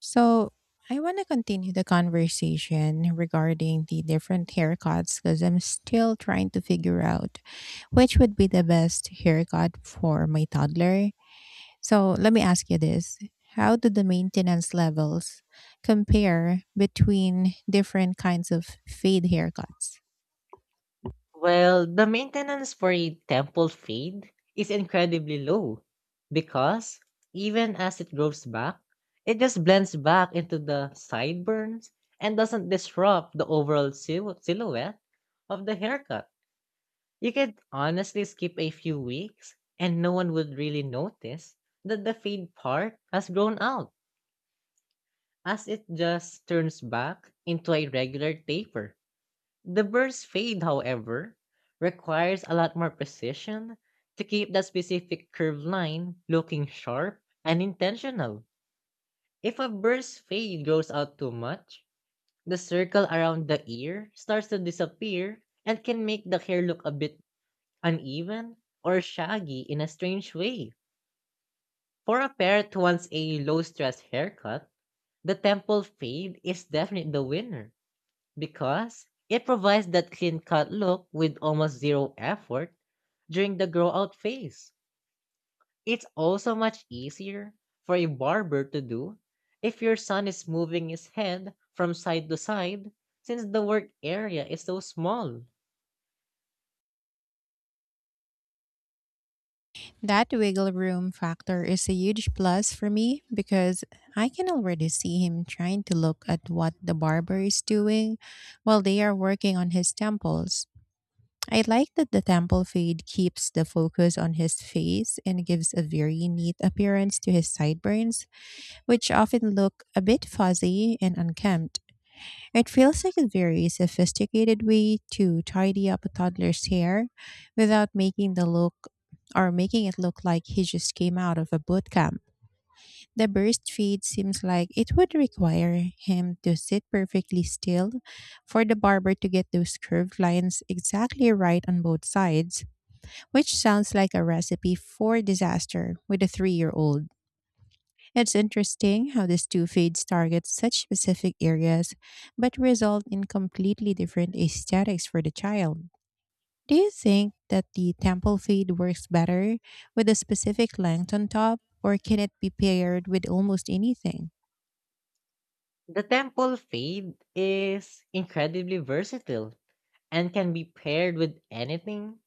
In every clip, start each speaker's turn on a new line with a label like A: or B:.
A: So I want to continue the conversation regarding the different haircuts because I'm still trying to figure out which would be the best haircut for my toddler. So let me ask you this. How do the maintenance levels compare between different kinds of fade haircuts?
B: Well, the maintenance for a temple fade is incredibly low because even as it grows back, it just blends back into the sideburns and doesn't disrupt the overall silhouette of the haircut. You could honestly skip a few weeks and no one would really notice that the fade part has grown out as it just turns back into a regular taper. The bird's fade, however, requires a lot more precision to keep that specific curved line looking sharp and intentional. If a bird's fade goes out too much, the circle around the ear starts to disappear and can make the hair look a bit uneven or shaggy in a strange way. For a parent who wants a low stress haircut, the temple fade is definitely the winner, because it provides that clean cut look with almost zero effort during the grow out phase. It's also much easier for a barber to do if your son is moving his head from side to side since the work area is so small.
A: That wiggle room factor is a huge plus for me because I can already see him trying to look at what the barber is doing while they are working on his temples. I like that the temple fade keeps the focus on his face and gives a very neat appearance to his sideburns, which often look a bit fuzzy and unkempt. It feels like a very sophisticated way to tidy up a toddler's hair without making the look or making it look like he just came out of a boot camp. The burst fade seems like it would require him to sit perfectly still for the barber to get those curved lines exactly right on both sides, which sounds like a recipe for disaster with a 3-year-old old. It's interesting how these two fades target such specific areas but result in completely different aesthetics for the child. Do you think that the temple fade works better with a specific length on top, or can it be paired with almost anything?
B: The temple fade is incredibly versatile and can be paired with anything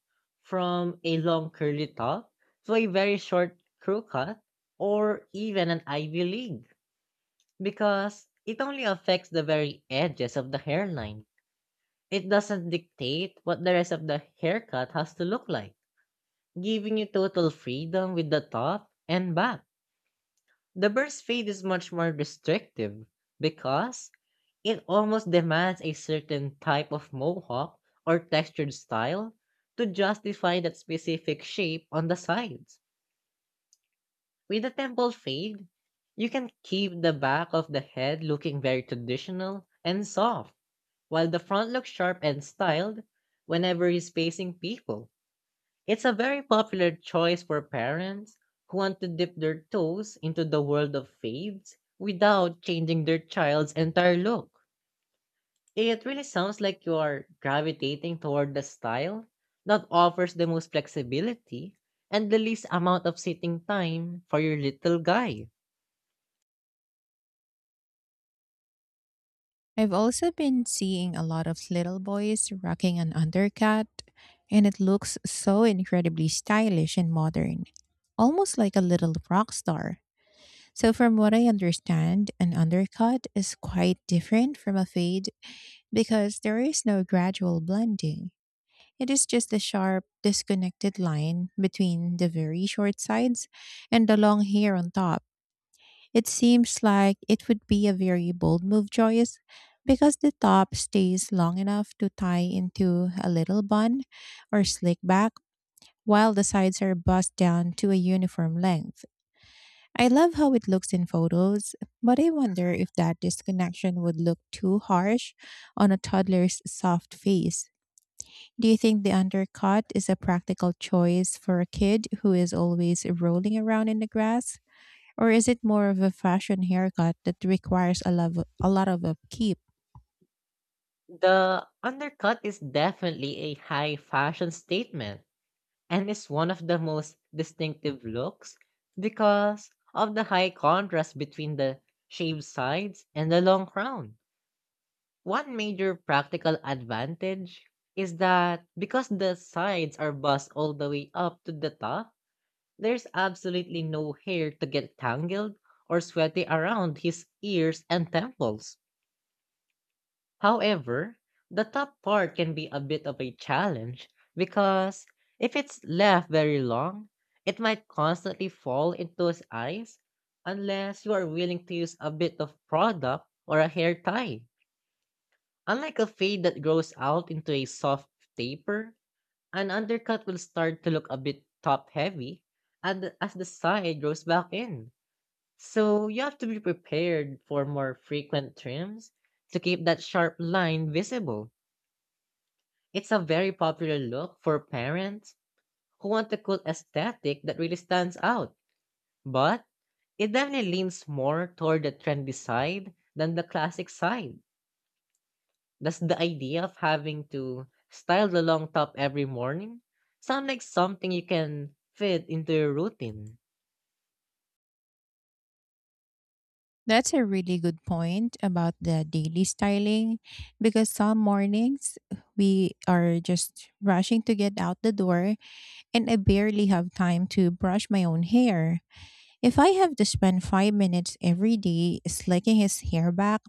B: from a long curly top to a very short crew cut or even an Ivy League, because it only affects the very edges of the hairline. It doesn't dictate what the rest of the haircut has to look like, giving you total freedom with the top and back. The burst fade is much more restrictive because it almost demands a certain type of mohawk or textured style to justify that specific shape on the sides. With the temple fade, you can keep the back of the head looking very traditional and soft while the front looks sharp and styled whenever he's facing people. It's a very popular choice for parents who want to dip their toes into the world of fades without changing their child's entire look. It really sounds like you are gravitating toward the style that offers the most flexibility and the least amount of sitting time for your little guy.
A: I've also been seeing a lot of little boys rocking an undercut, and it looks so incredibly stylish and modern, almost like a little rock star. So, from what I understand, an undercut is quite different from a fade because there is no gradual blending. It is just a sharp, disconnected line between the very short sides and the long hair on top. It seems like it would be a very bold move, Joyce, because the top stays long enough to tie into a little bun or slick back, while the sides are bussed down to a uniform length. I love how it looks in photos, but I wonder if that disconnection would look too harsh on a toddler's soft face. Do you think the undercut is a practical choice for a kid who is always rolling around in the grass? Or is it more of a fashion haircut that requires a lot of upkeep?
B: The undercut is definitely a high fashion statement and is one of the most distinctive looks because of the high contrast between the shaved sides and the long crown. One major practical advantage is that because the sides are buzzed all the way up to the top, there's absolutely no hair to get tangled or sweaty around his ears and temples. However, the top part can be a bit of a challenge because if it's left very long, it might constantly fall into his eyes unless you are willing to use a bit of product or a hair tie. Unlike a fade that grows out into a soft taper, an undercut will start to look a bit top heavy and as the side grows back in. So you have to be prepared for more frequent trims to keep that sharp line visible. It's a very popular look for parents who want a cool aesthetic that really stands out, but it definitely leans more toward the trendy side than the classic side. Does the idea of having to style the long top every morning sound like something you can fit into your routine?
A: That's a really good point about the daily styling because some mornings we are just rushing to get out the door and I barely have time to brush my own hair. If I have to spend 5 minutes every day slicking his hair back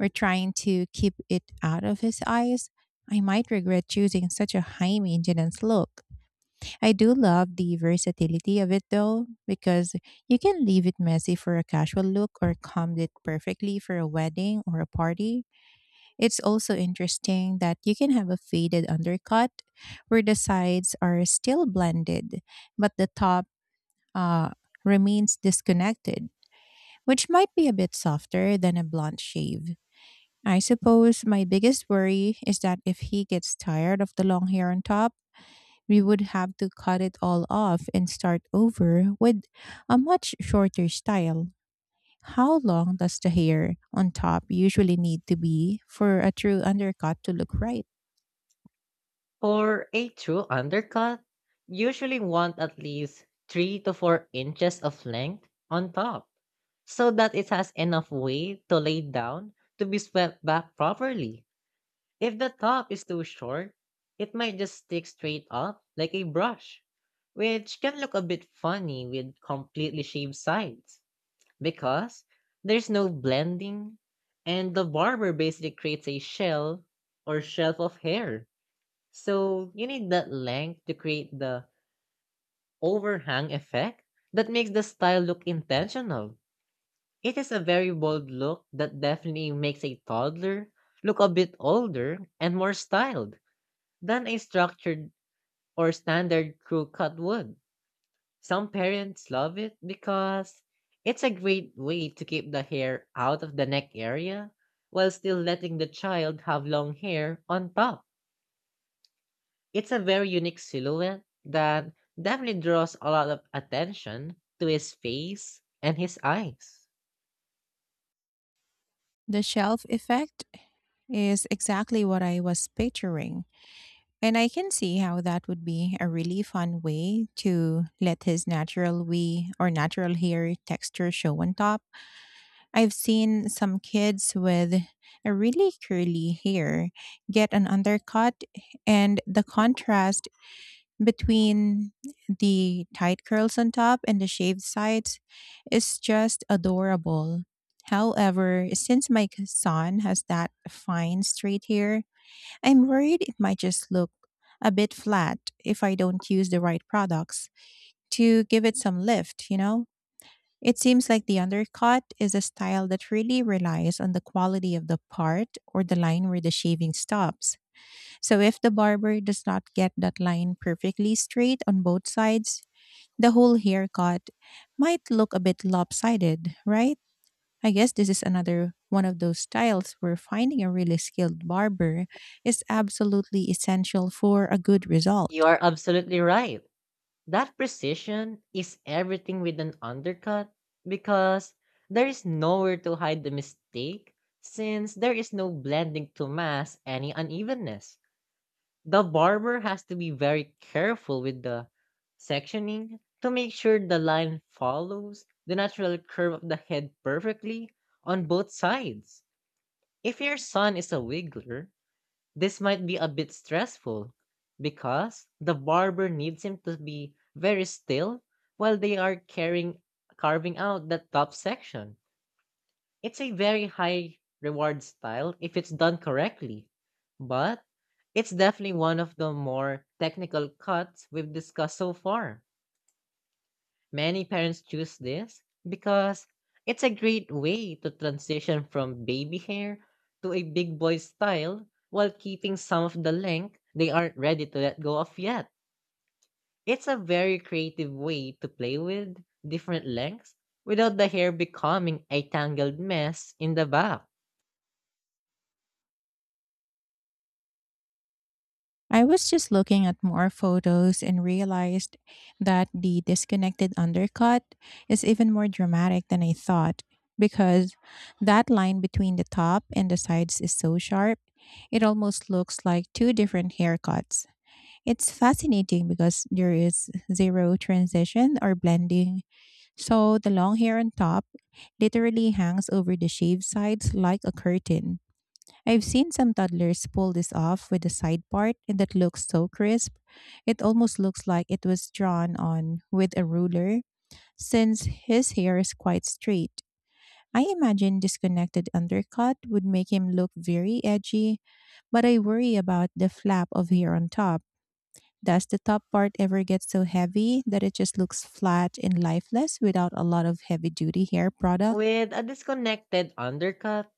A: or trying to keep it out of his eyes, I might regret choosing such a high maintenance look. I do love the versatility of it, though, because you can leave it messy for a casual look or comb it perfectly for a wedding or a party. It's also interesting that you can have a faded undercut where the sides are still blended, but the top uh, remains disconnected, which might be a bit softer than a blunt shave. I suppose my biggest worry is that if he gets tired of the long hair on top, we would have to cut it all off and start over with a much shorter style. How long does the hair on top usually need to be for a true undercut to look right?
B: For a true undercut, usually want at least 3 to 4 inches of length on top so that it has enough weight to lay down to be swept back properly. If the top is too short, it might just stick straight up like a brush, which can look a bit funny with completely shaved sides because there's no blending and the barber basically creates a shell or shelf of hair, so you need that length to create the overhang effect that makes the style look intentional. It is a very bold look that definitely makes a toddler look a bit older and more styled than a structured or standard crew cut would. Some parents love it because it's a great way to keep the hair out of the neck area while still letting the child have long hair on top. It's a very unique silhouette that definitely draws a lot of attention to his face and his eyes.
A: The shelf effect is exactly what I was picturing, and I can see how that would be a really fun way to let his natural wee or natural hair texture show on top. I've seen some kids with a really curly hair get an undercut, and the contrast between the tight curls on top and the shaved sides is just adorable. However, since my son has that fine straight hair, I'm worried it might just look a bit flat if I don't use the right products to give it some lift, you know? It seems like the undercut is a style that really relies on the quality of the part or the line where the shaving stops. So if the barber does not get that line perfectly straight on both sides, the whole haircut might look a bit lopsided, right? I guess this is another one of those styles where finding a really skilled barber is absolutely essential for a good
B: You
A: result.
B: are absolutely right. That precision is everything with an undercut because there is nowhere to hide the mistake since there is no blending to mask any unevenness. The barber has to be very careful with the sectioning to make sure the line follows the natural curve of the head perfectly on both sides. If your son is a wiggler, this might be a bit stressful because the barber needs him to be very still while they are carrying carving out that top section. It's a very high reward style if it's done correctly, but it's definitely one of the more technical cuts we've discussed so far. Many parents choose this because it's a great way to transition from baby hair to a big boy style while keeping some of the length they aren't ready to let go of yet. It's a very creative way to play with different lengths without the hair becoming a tangled mess in the back.
A: I was just looking at more photos and realized that the disconnected undercut is even more dramatic than I thought because that line between the top and the sides is so sharp. It almost looks like two different haircuts. It's fascinating because there is zero transition or blending. So the long hair on top literally hangs over the shaved sides like a curtain. I've seen some toddlers pull this off with the side part, and that looks so crisp. It almost looks like it was drawn on with a ruler, since his hair is quite straight. I imagine disconnected undercut would make him look very edgy, but I worry about the flap of hair on top. Does the top part ever get so heavy that it just looks flat and lifeless without a lot of heavy duty hair product?
B: With a disconnected undercut,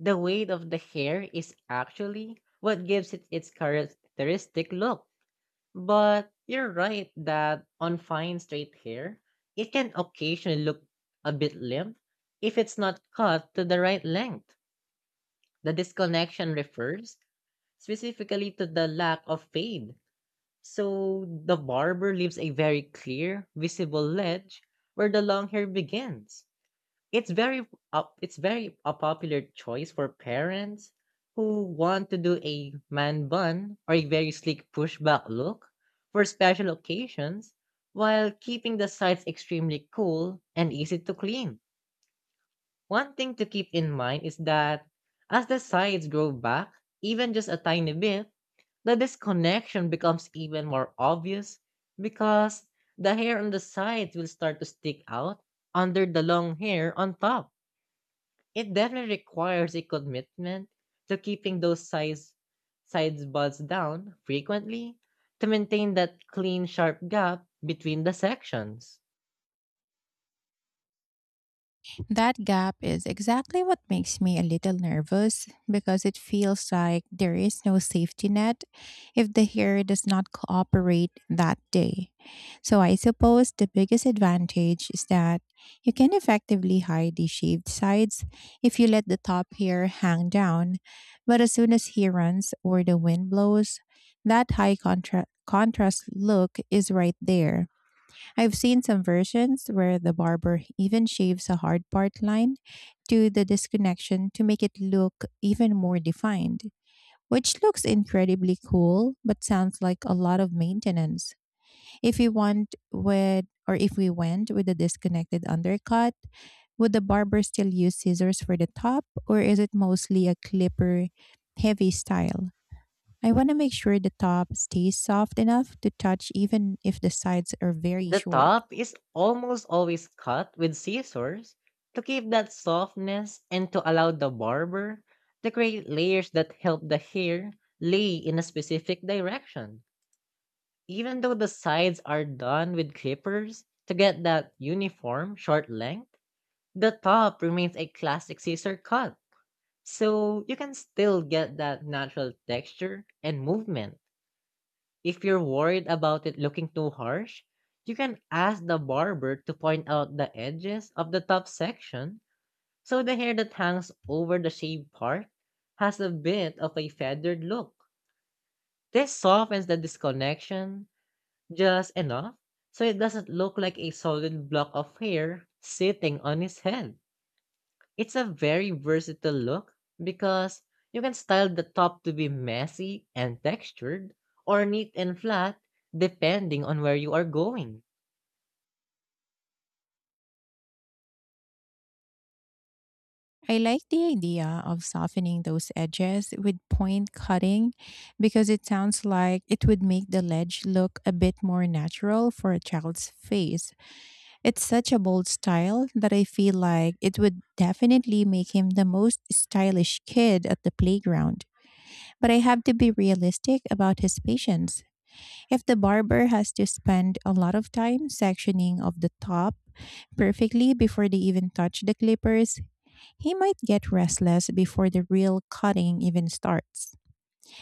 B: the weight of the hair is actually what gives it its characteristic look. But you're right that on fine straight hair, it can occasionally look a bit limp if it's not cut to the right length. The disconnection refers specifically to the lack of fade. So the barber leaves a very clear, visible ledge where the long hair begins. It's very it's very a popular choice for parents who want to do a man bun or a very sleek pushback look for special occasions while keeping the sides extremely cool and easy to clean. One thing to keep in mind is that as the sides grow back, even just a tiny bit, the disconnection becomes even more obvious because the hair on the sides will start to stick out under the long hair on top. It definitely requires a commitment to keeping those size sides buds down frequently to maintain that clean sharp gap between the sections.
A: That gap is exactly what makes me a little nervous because it feels like there is no safety net if the hair does not cooperate that day. So I suppose the biggest advantage is that you can effectively hide the shaved sides if you let the top hair hang down, but as soon as he runs or the wind blows, that high contrast look is right there. I've seen some versions where the barber even shaves a hard part line to the disconnection to make it look even more defined, which looks incredibly cool but sounds like a lot of maintenance. If we want with or if we went with a disconnected undercut, would the barber still use scissors for the top, or is it mostly a clipper heavy style? I want to make sure the top stays soft enough to touch even if the sides are very
B: The
A: short.
B: top is almost always cut with scissors to keep that softness and to allow the barber to create layers that help the hair lay in a specific direction. Even though the sides are done with clippers to get that uniform short length, the top remains a classic Caesar cut, so you can still get that natural texture and movement. If you're worried about it looking too harsh, you can ask the barber to point out the edges of the top section so the hair that hangs over the shaved part has a bit of a feathered look. This softens the disconnection just enough so it doesn't look like a solid block of hair sitting on his head. It's a very versatile look because you can style the top to be messy and textured or neat and flat depending on where you are going.
A: I like the idea of softening those edges with point cutting because it sounds like it would make the ledge look a bit more natural for a child's face. It's such a bold style that I feel like it would definitely make him the most stylish kid at the playground. But I have to be realistic about his patience. If the barber has to spend a lot of time sectioning of the top perfectly before they even touch the clippers, he might get restless before the real cutting even starts.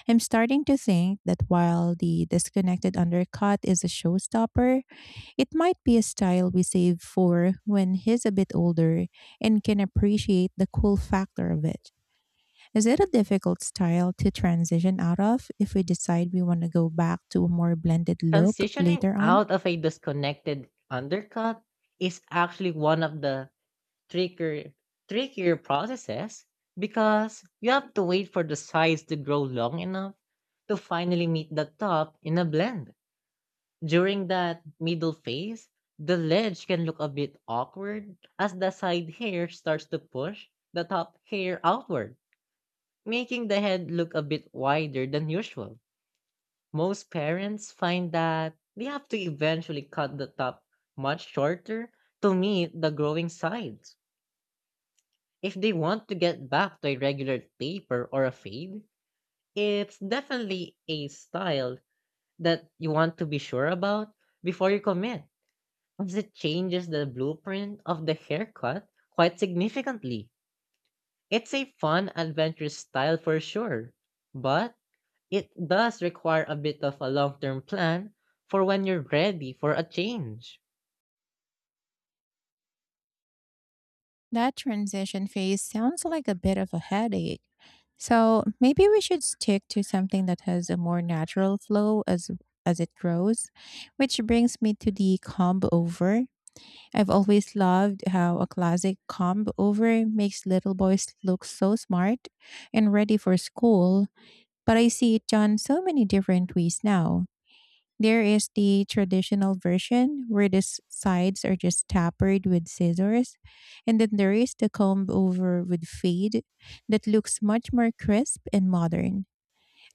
A: I'm starting to think that while the disconnected undercut is a showstopper, it might be a style we save for when he's a bit older and can appreciate the cool factor of it. Is it a difficult style to transition out of if we decide we want to go back to a more blended look
B: Transitioning
A: later on?
B: out of a disconnected undercut is actually one of the trickier trickier processes because you have to wait for the sides to grow long enough to finally meet the top in a blend. During that middle phase, the ledge can look a bit awkward as the side hair starts to push the top hair outward, making the head look a bit wider than usual. Most parents find that they have to eventually cut the top much shorter to meet the growing sides. If they want to get back to a regular taper or a fade, it's definitely a style that you want to be sure about before you commit, as it changes the blueprint of the haircut quite significantly. It's a fun, adventurous style for sure, but it does require a bit of a long term plan for when you're ready for a change.
A: That transition phase sounds like a bit of a headache. So maybe we should stick to something that has a more natural flow as it grows, which brings me to the comb over. I've always loved how a classic comb over makes little boys look so smart and ready for school, but I see it done so many different ways now. There is the traditional version where the sides are just tapered with scissors, and then there is the comb over with fade that looks much more crisp and modern.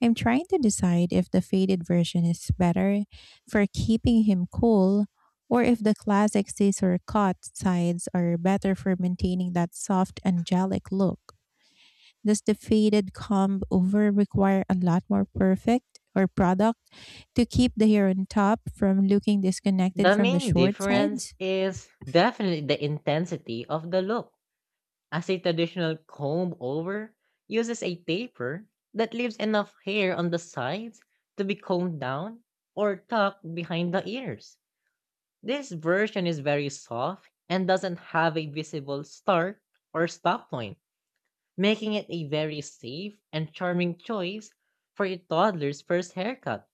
A: I'm trying to decide if the faded version is better for keeping him cool or if the classic scissor cut sides are better for maintaining that soft angelic look. Does the faded comb over require a lot more perfect or product to keep the hair on top from looking disconnected
B: The
A: from the
B: main
A: short
B: difference
A: sides?
B: is definitely the intensity of the look, as a traditional comb over uses a taper that leaves enough hair on the sides to be combed down or tucked behind the ears. This version is very soft and doesn't have a visible start or stop point, making it a very safe and charming choice for a toddler's first haircut.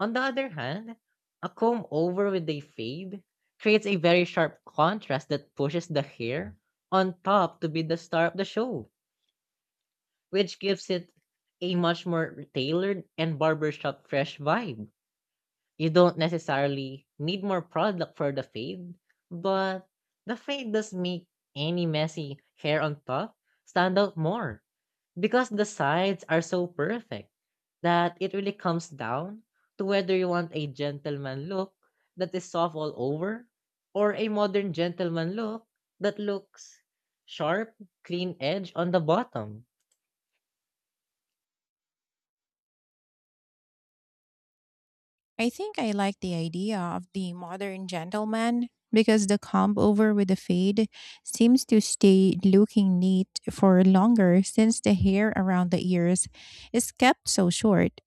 B: On the other hand, a comb over with a fade creates a very sharp contrast that pushes the hair on top to be the star of the show, which gives it a much more tailored and barbershop fresh vibe. You don't necessarily need more product for the fade, but the fade does make any messy hair on top stand out more because the sides are so perfect that it really comes down to whether you want a gentleman look that is soft all over or a modern gentleman look that looks sharp, clean edge on the bottom.
A: I think I like the idea of the modern gentleman because the comb over with the fade seems to stay looking neat for longer since the hair around the ears is kept so short.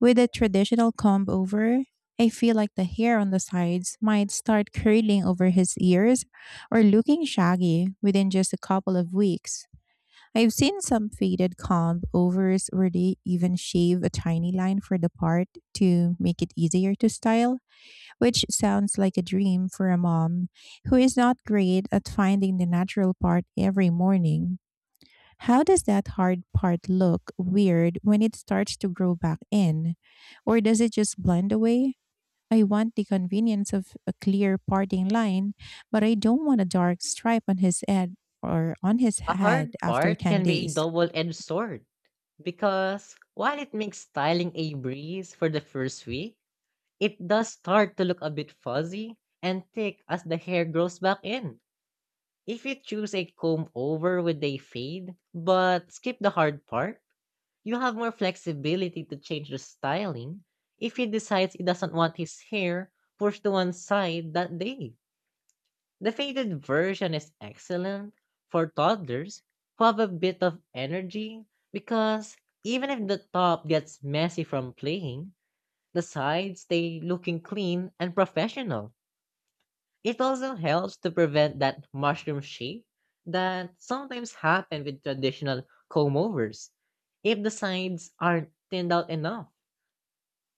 A: With a traditional comb over, I feel like the hair on the sides might start curling over his ears or looking shaggy within just a couple of weeks. I've seen some faded comb overs where they even shave a tiny line for the part to make it easier to style, which sounds like a dream for a mom who is not great at finding the natural part every morning. How does that hard part look weird when it starts to grow back in? Or does it just blend away? I want the convenience of a clear parting line, but I don't want a dark stripe on his head or on his
B: A
A: head
B: hard
A: after
B: part
A: 10
B: can be a
A: days.
B: double edged sword, because while it makes styling a breeze for the first week, it does start to look a bit fuzzy and thick as the hair grows back in. If you choose a comb over with a fade, but skip the hard part, you have more flexibility to change the styling if he decides he doesn't want his hair pushed to one side that day. The faded version is excellent for toddlers who have a bit of energy because even if the top gets messy from playing, the sides stay looking clean and professional. It also helps to prevent that mushroom shape that sometimes happen with traditional comb overs. If the sides aren't thinned out enough,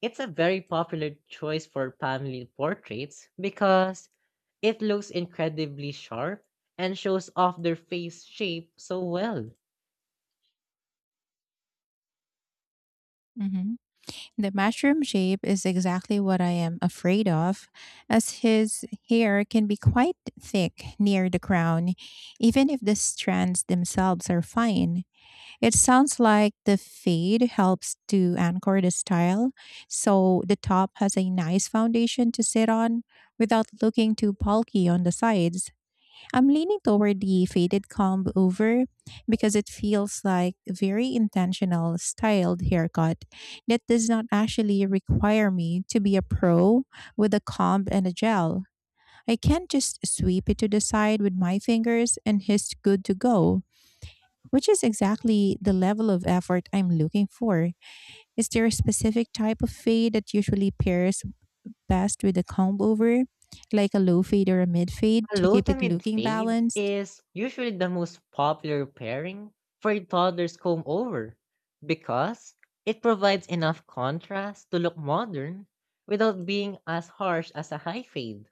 B: it's a very popular choice for family portraits because it looks incredibly sharp and shows off their face shape so well.
A: Mhm. The mushroom shape is exactly what I am afraid of, as his hair can be quite thick near the crown, even if the strands themselves are fine. It sounds like the fade helps to anchor the style, so the top has a nice foundation to sit on without looking too bulky on the sides. I'm leaning toward the faded comb over because it feels like a very intentional styled haircut that does not actually require me to be a pro with a comb and a gel. I can just sweep it to the side with my fingers and it's good to go, which is exactly the level of effort I'm looking for. Is there a specific type of fade that usually pairs best with a comb over? Like a low fade or a mid fade
B: A
A: to
B: low
A: keep
B: to
A: it
B: mid
A: looking
B: fade
A: balanced?
B: is usually the most popular pairing for a toddler's comb over because it provides enough contrast to look modern without being as harsh as a high fade.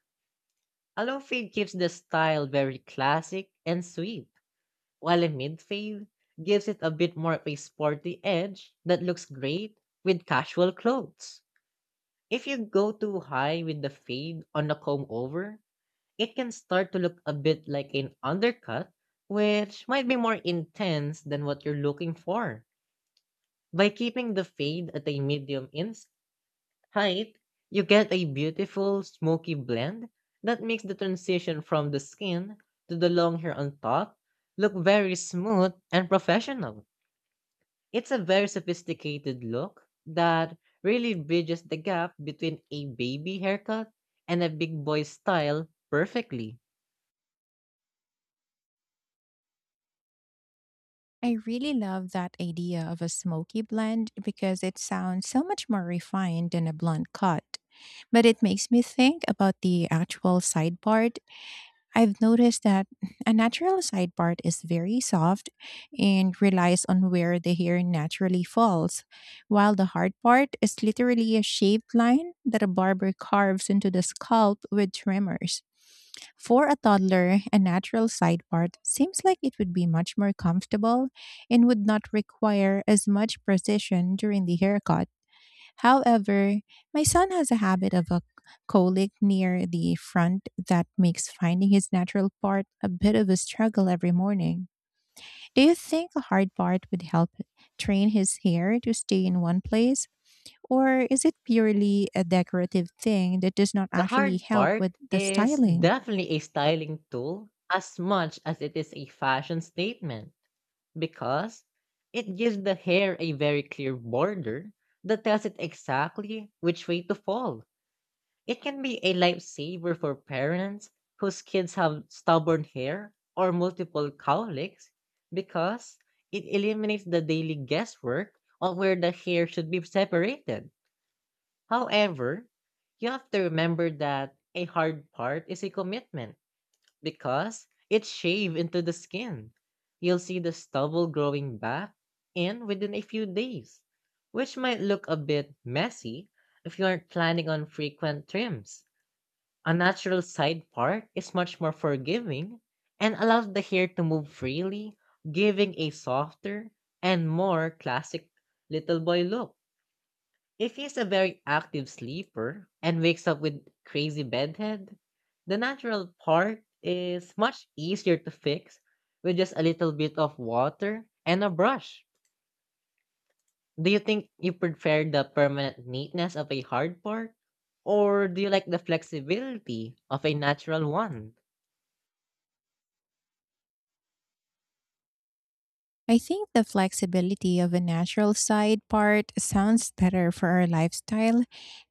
B: A low fade keeps the style very classic and sweet, while a mid fade gives it a bit more of a sporty edge that looks great with casual clothes. If you go too high with the fade on a comb over, it can start to look a bit like an undercut, which might be more intense than what you're looking for. By keeping the fade at a medium in height, you get a beautiful smoky blend that makes the transition from the skin to the long hair on top look very smooth and professional. It's a very sophisticated look that really bridges the gap between a baby haircut and a big boy style perfectly.
A: I really love that idea of a smoky blend because it sounds so much more refined than a blunt cut. But it makes me think about the actual side part. I've noticed that a natural side part is very soft and relies on where the hair naturally falls, while the hard part is literally a shaped line that a barber carves into the scalp with trimmers. For a toddler, a natural side part seems like it would be much more comfortable and would not require as much precision during the haircut. However, my son has a habit of a colic near the front that makes finding his natural part a bit of a struggle every morning. Do you think a hard part would help train his hair to stay in one place, or is it purely a decorative thing that does not
B: The
A: actually
B: hard
A: help
B: part
A: with the
B: is
A: styling?
B: definitely a styling tool as much as it is a fashion statement because it gives the hair a very clear border that tells it exactly which way to fall. It can be a lifesaver for parents whose kids have stubborn hair or multiple cowlicks because it eliminates the daily guesswork on where the hair should be separated. However, you have to remember that a hard part is a commitment because it's shaved into the skin. You'll see the stubble growing back in within a few days, which might look a bit messy if you aren't planning on frequent trims. A natural side part is much more forgiving and allows the hair to move freely, giving a softer and more classic little boy look. If he's a very active sleeper and wakes up with crazy bedhead, the natural part is much easier to fix with just a little bit of water and a brush. Do you think you prefer the permanent neatness of a hard part, or do you like the flexibility of a natural one?
A: I think the flexibility of a natural side part sounds better for our lifestyle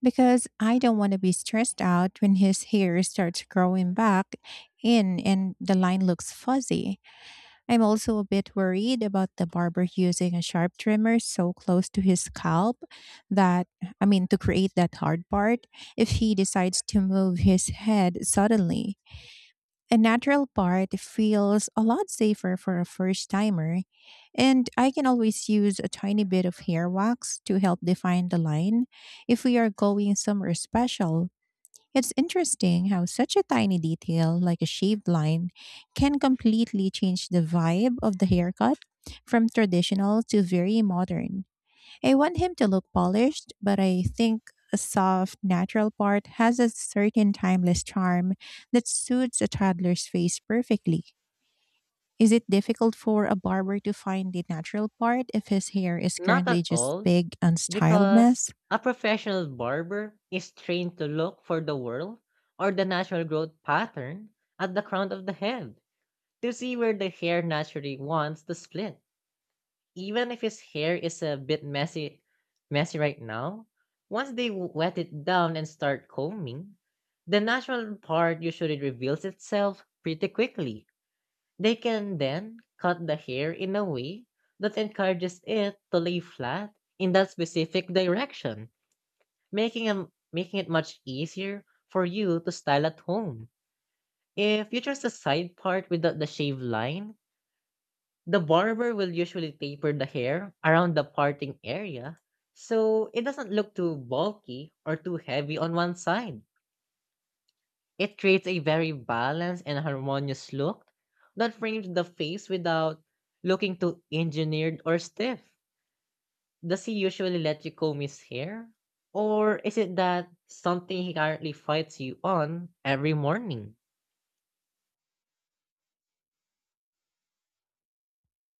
A: because I don't want to be stressed out when his hair starts growing back in and the line looks fuzzy. I'm also a bit worried about the barber using a sharp trimmer so close to his scalp that, to create that hard part if he decides to move his head suddenly. A natural part feels a lot safer for a first timer, and I can always use a tiny bit of hair wax to help define the line if we are going somewhere special. It's interesting how such a tiny detail, like a shaved line, can completely change the vibe of the haircut from traditional to very modern. I want him to look polished, but I think a soft, natural part has a certain timeless charm that suits a toddler's face perfectly. Is it difficult for a barber to find the natural part if his hair is
B: Not
A: currently
B: at
A: just
B: all,
A: big, unstyled
B: because
A: mess?
B: a professional barber is trained to look for the whorl or the natural growth pattern at the crown of the head to see where the hair naturally wants to split. Even if his hair is a bit messy right now, once they wet it down and start combing, the natural part usually reveals itself pretty quickly. They can then cut the hair in a way that encourages it to lay flat in that specific direction, making it much easier for you to style at home. If you choose the side part without the shave line, the barber will usually taper the hair around the parting area so it doesn't look too bulky or too heavy on one side. It creates a very balanced and harmonious look that frames the face without looking too engineered or stiff. Does he usually let you comb his hair? Or is it that something he currently fights you on every morning?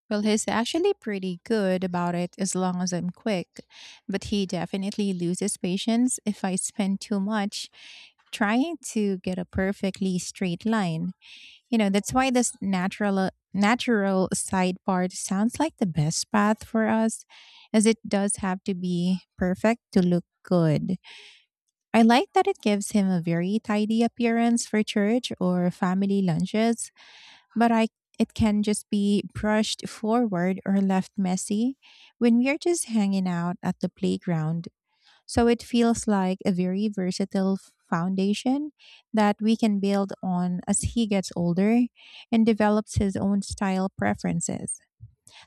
A: Well, he's actually pretty good about it as long as I'm quick, but he definitely loses patience if I spend too much trying to get a perfectly straight line. You know, that's why this natural side part sounds like the best path for us, as it does have to be perfect to look good. I like that it gives him a very tidy appearance for church or family lunches, but I, it can just be brushed forward or left messy when we're just hanging out at the playground, so it feels like a very versatile foundation that we can build on as he gets older and develops his own style preferences.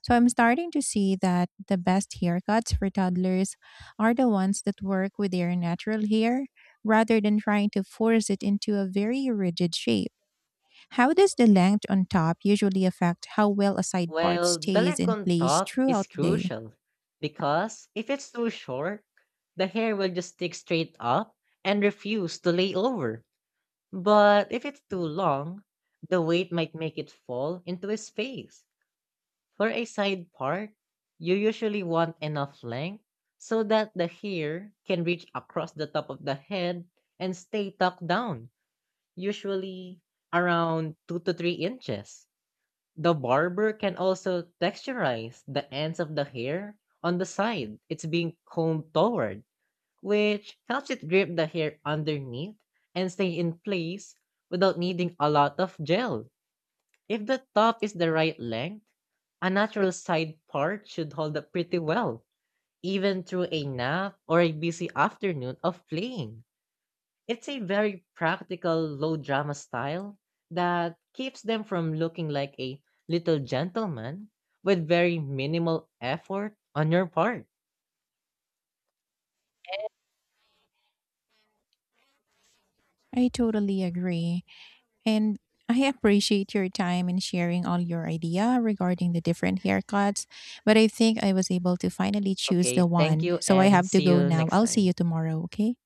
A: So I'm starting to see that the best haircuts for toddlers are the ones that work with their natural hair rather than trying to force it into a very rigid shape. How does the length on top usually affect how well a side part
B: Well, the
A: stays
B: length
A: in
B: on
A: place
B: top is
A: throughout the day?
B: crucial because if it's too short, the hair will just stick straight up and refuse to lay over. But if it's too long, the weight might make it fall into his face. For a side part, you usually want enough length so that the hair can reach across the top of the head and stay tucked down, usually around 2 to 3 inches. The barber can also texturize the ends of the hair on the side it's being combed toward, which helps it grip the hair underneath and stay in place without needing a lot of gel. If the top is the right length, a natural side part should hold up pretty well, even through a nap or a busy afternoon of playing. It's a very practical, low drama style that keeps them from looking like a little gentleman with very minimal effort on your part.
A: I totally agree. And I appreciate your time and sharing all your idea regarding the different haircuts, but I think I was able to finally choose the
B: Okay, thank
A: one.
B: you
A: So I
B: and
A: have to
B: see
A: go
B: you
A: now.
B: next
A: I'll see you
B: time.
A: tomorrow, okay?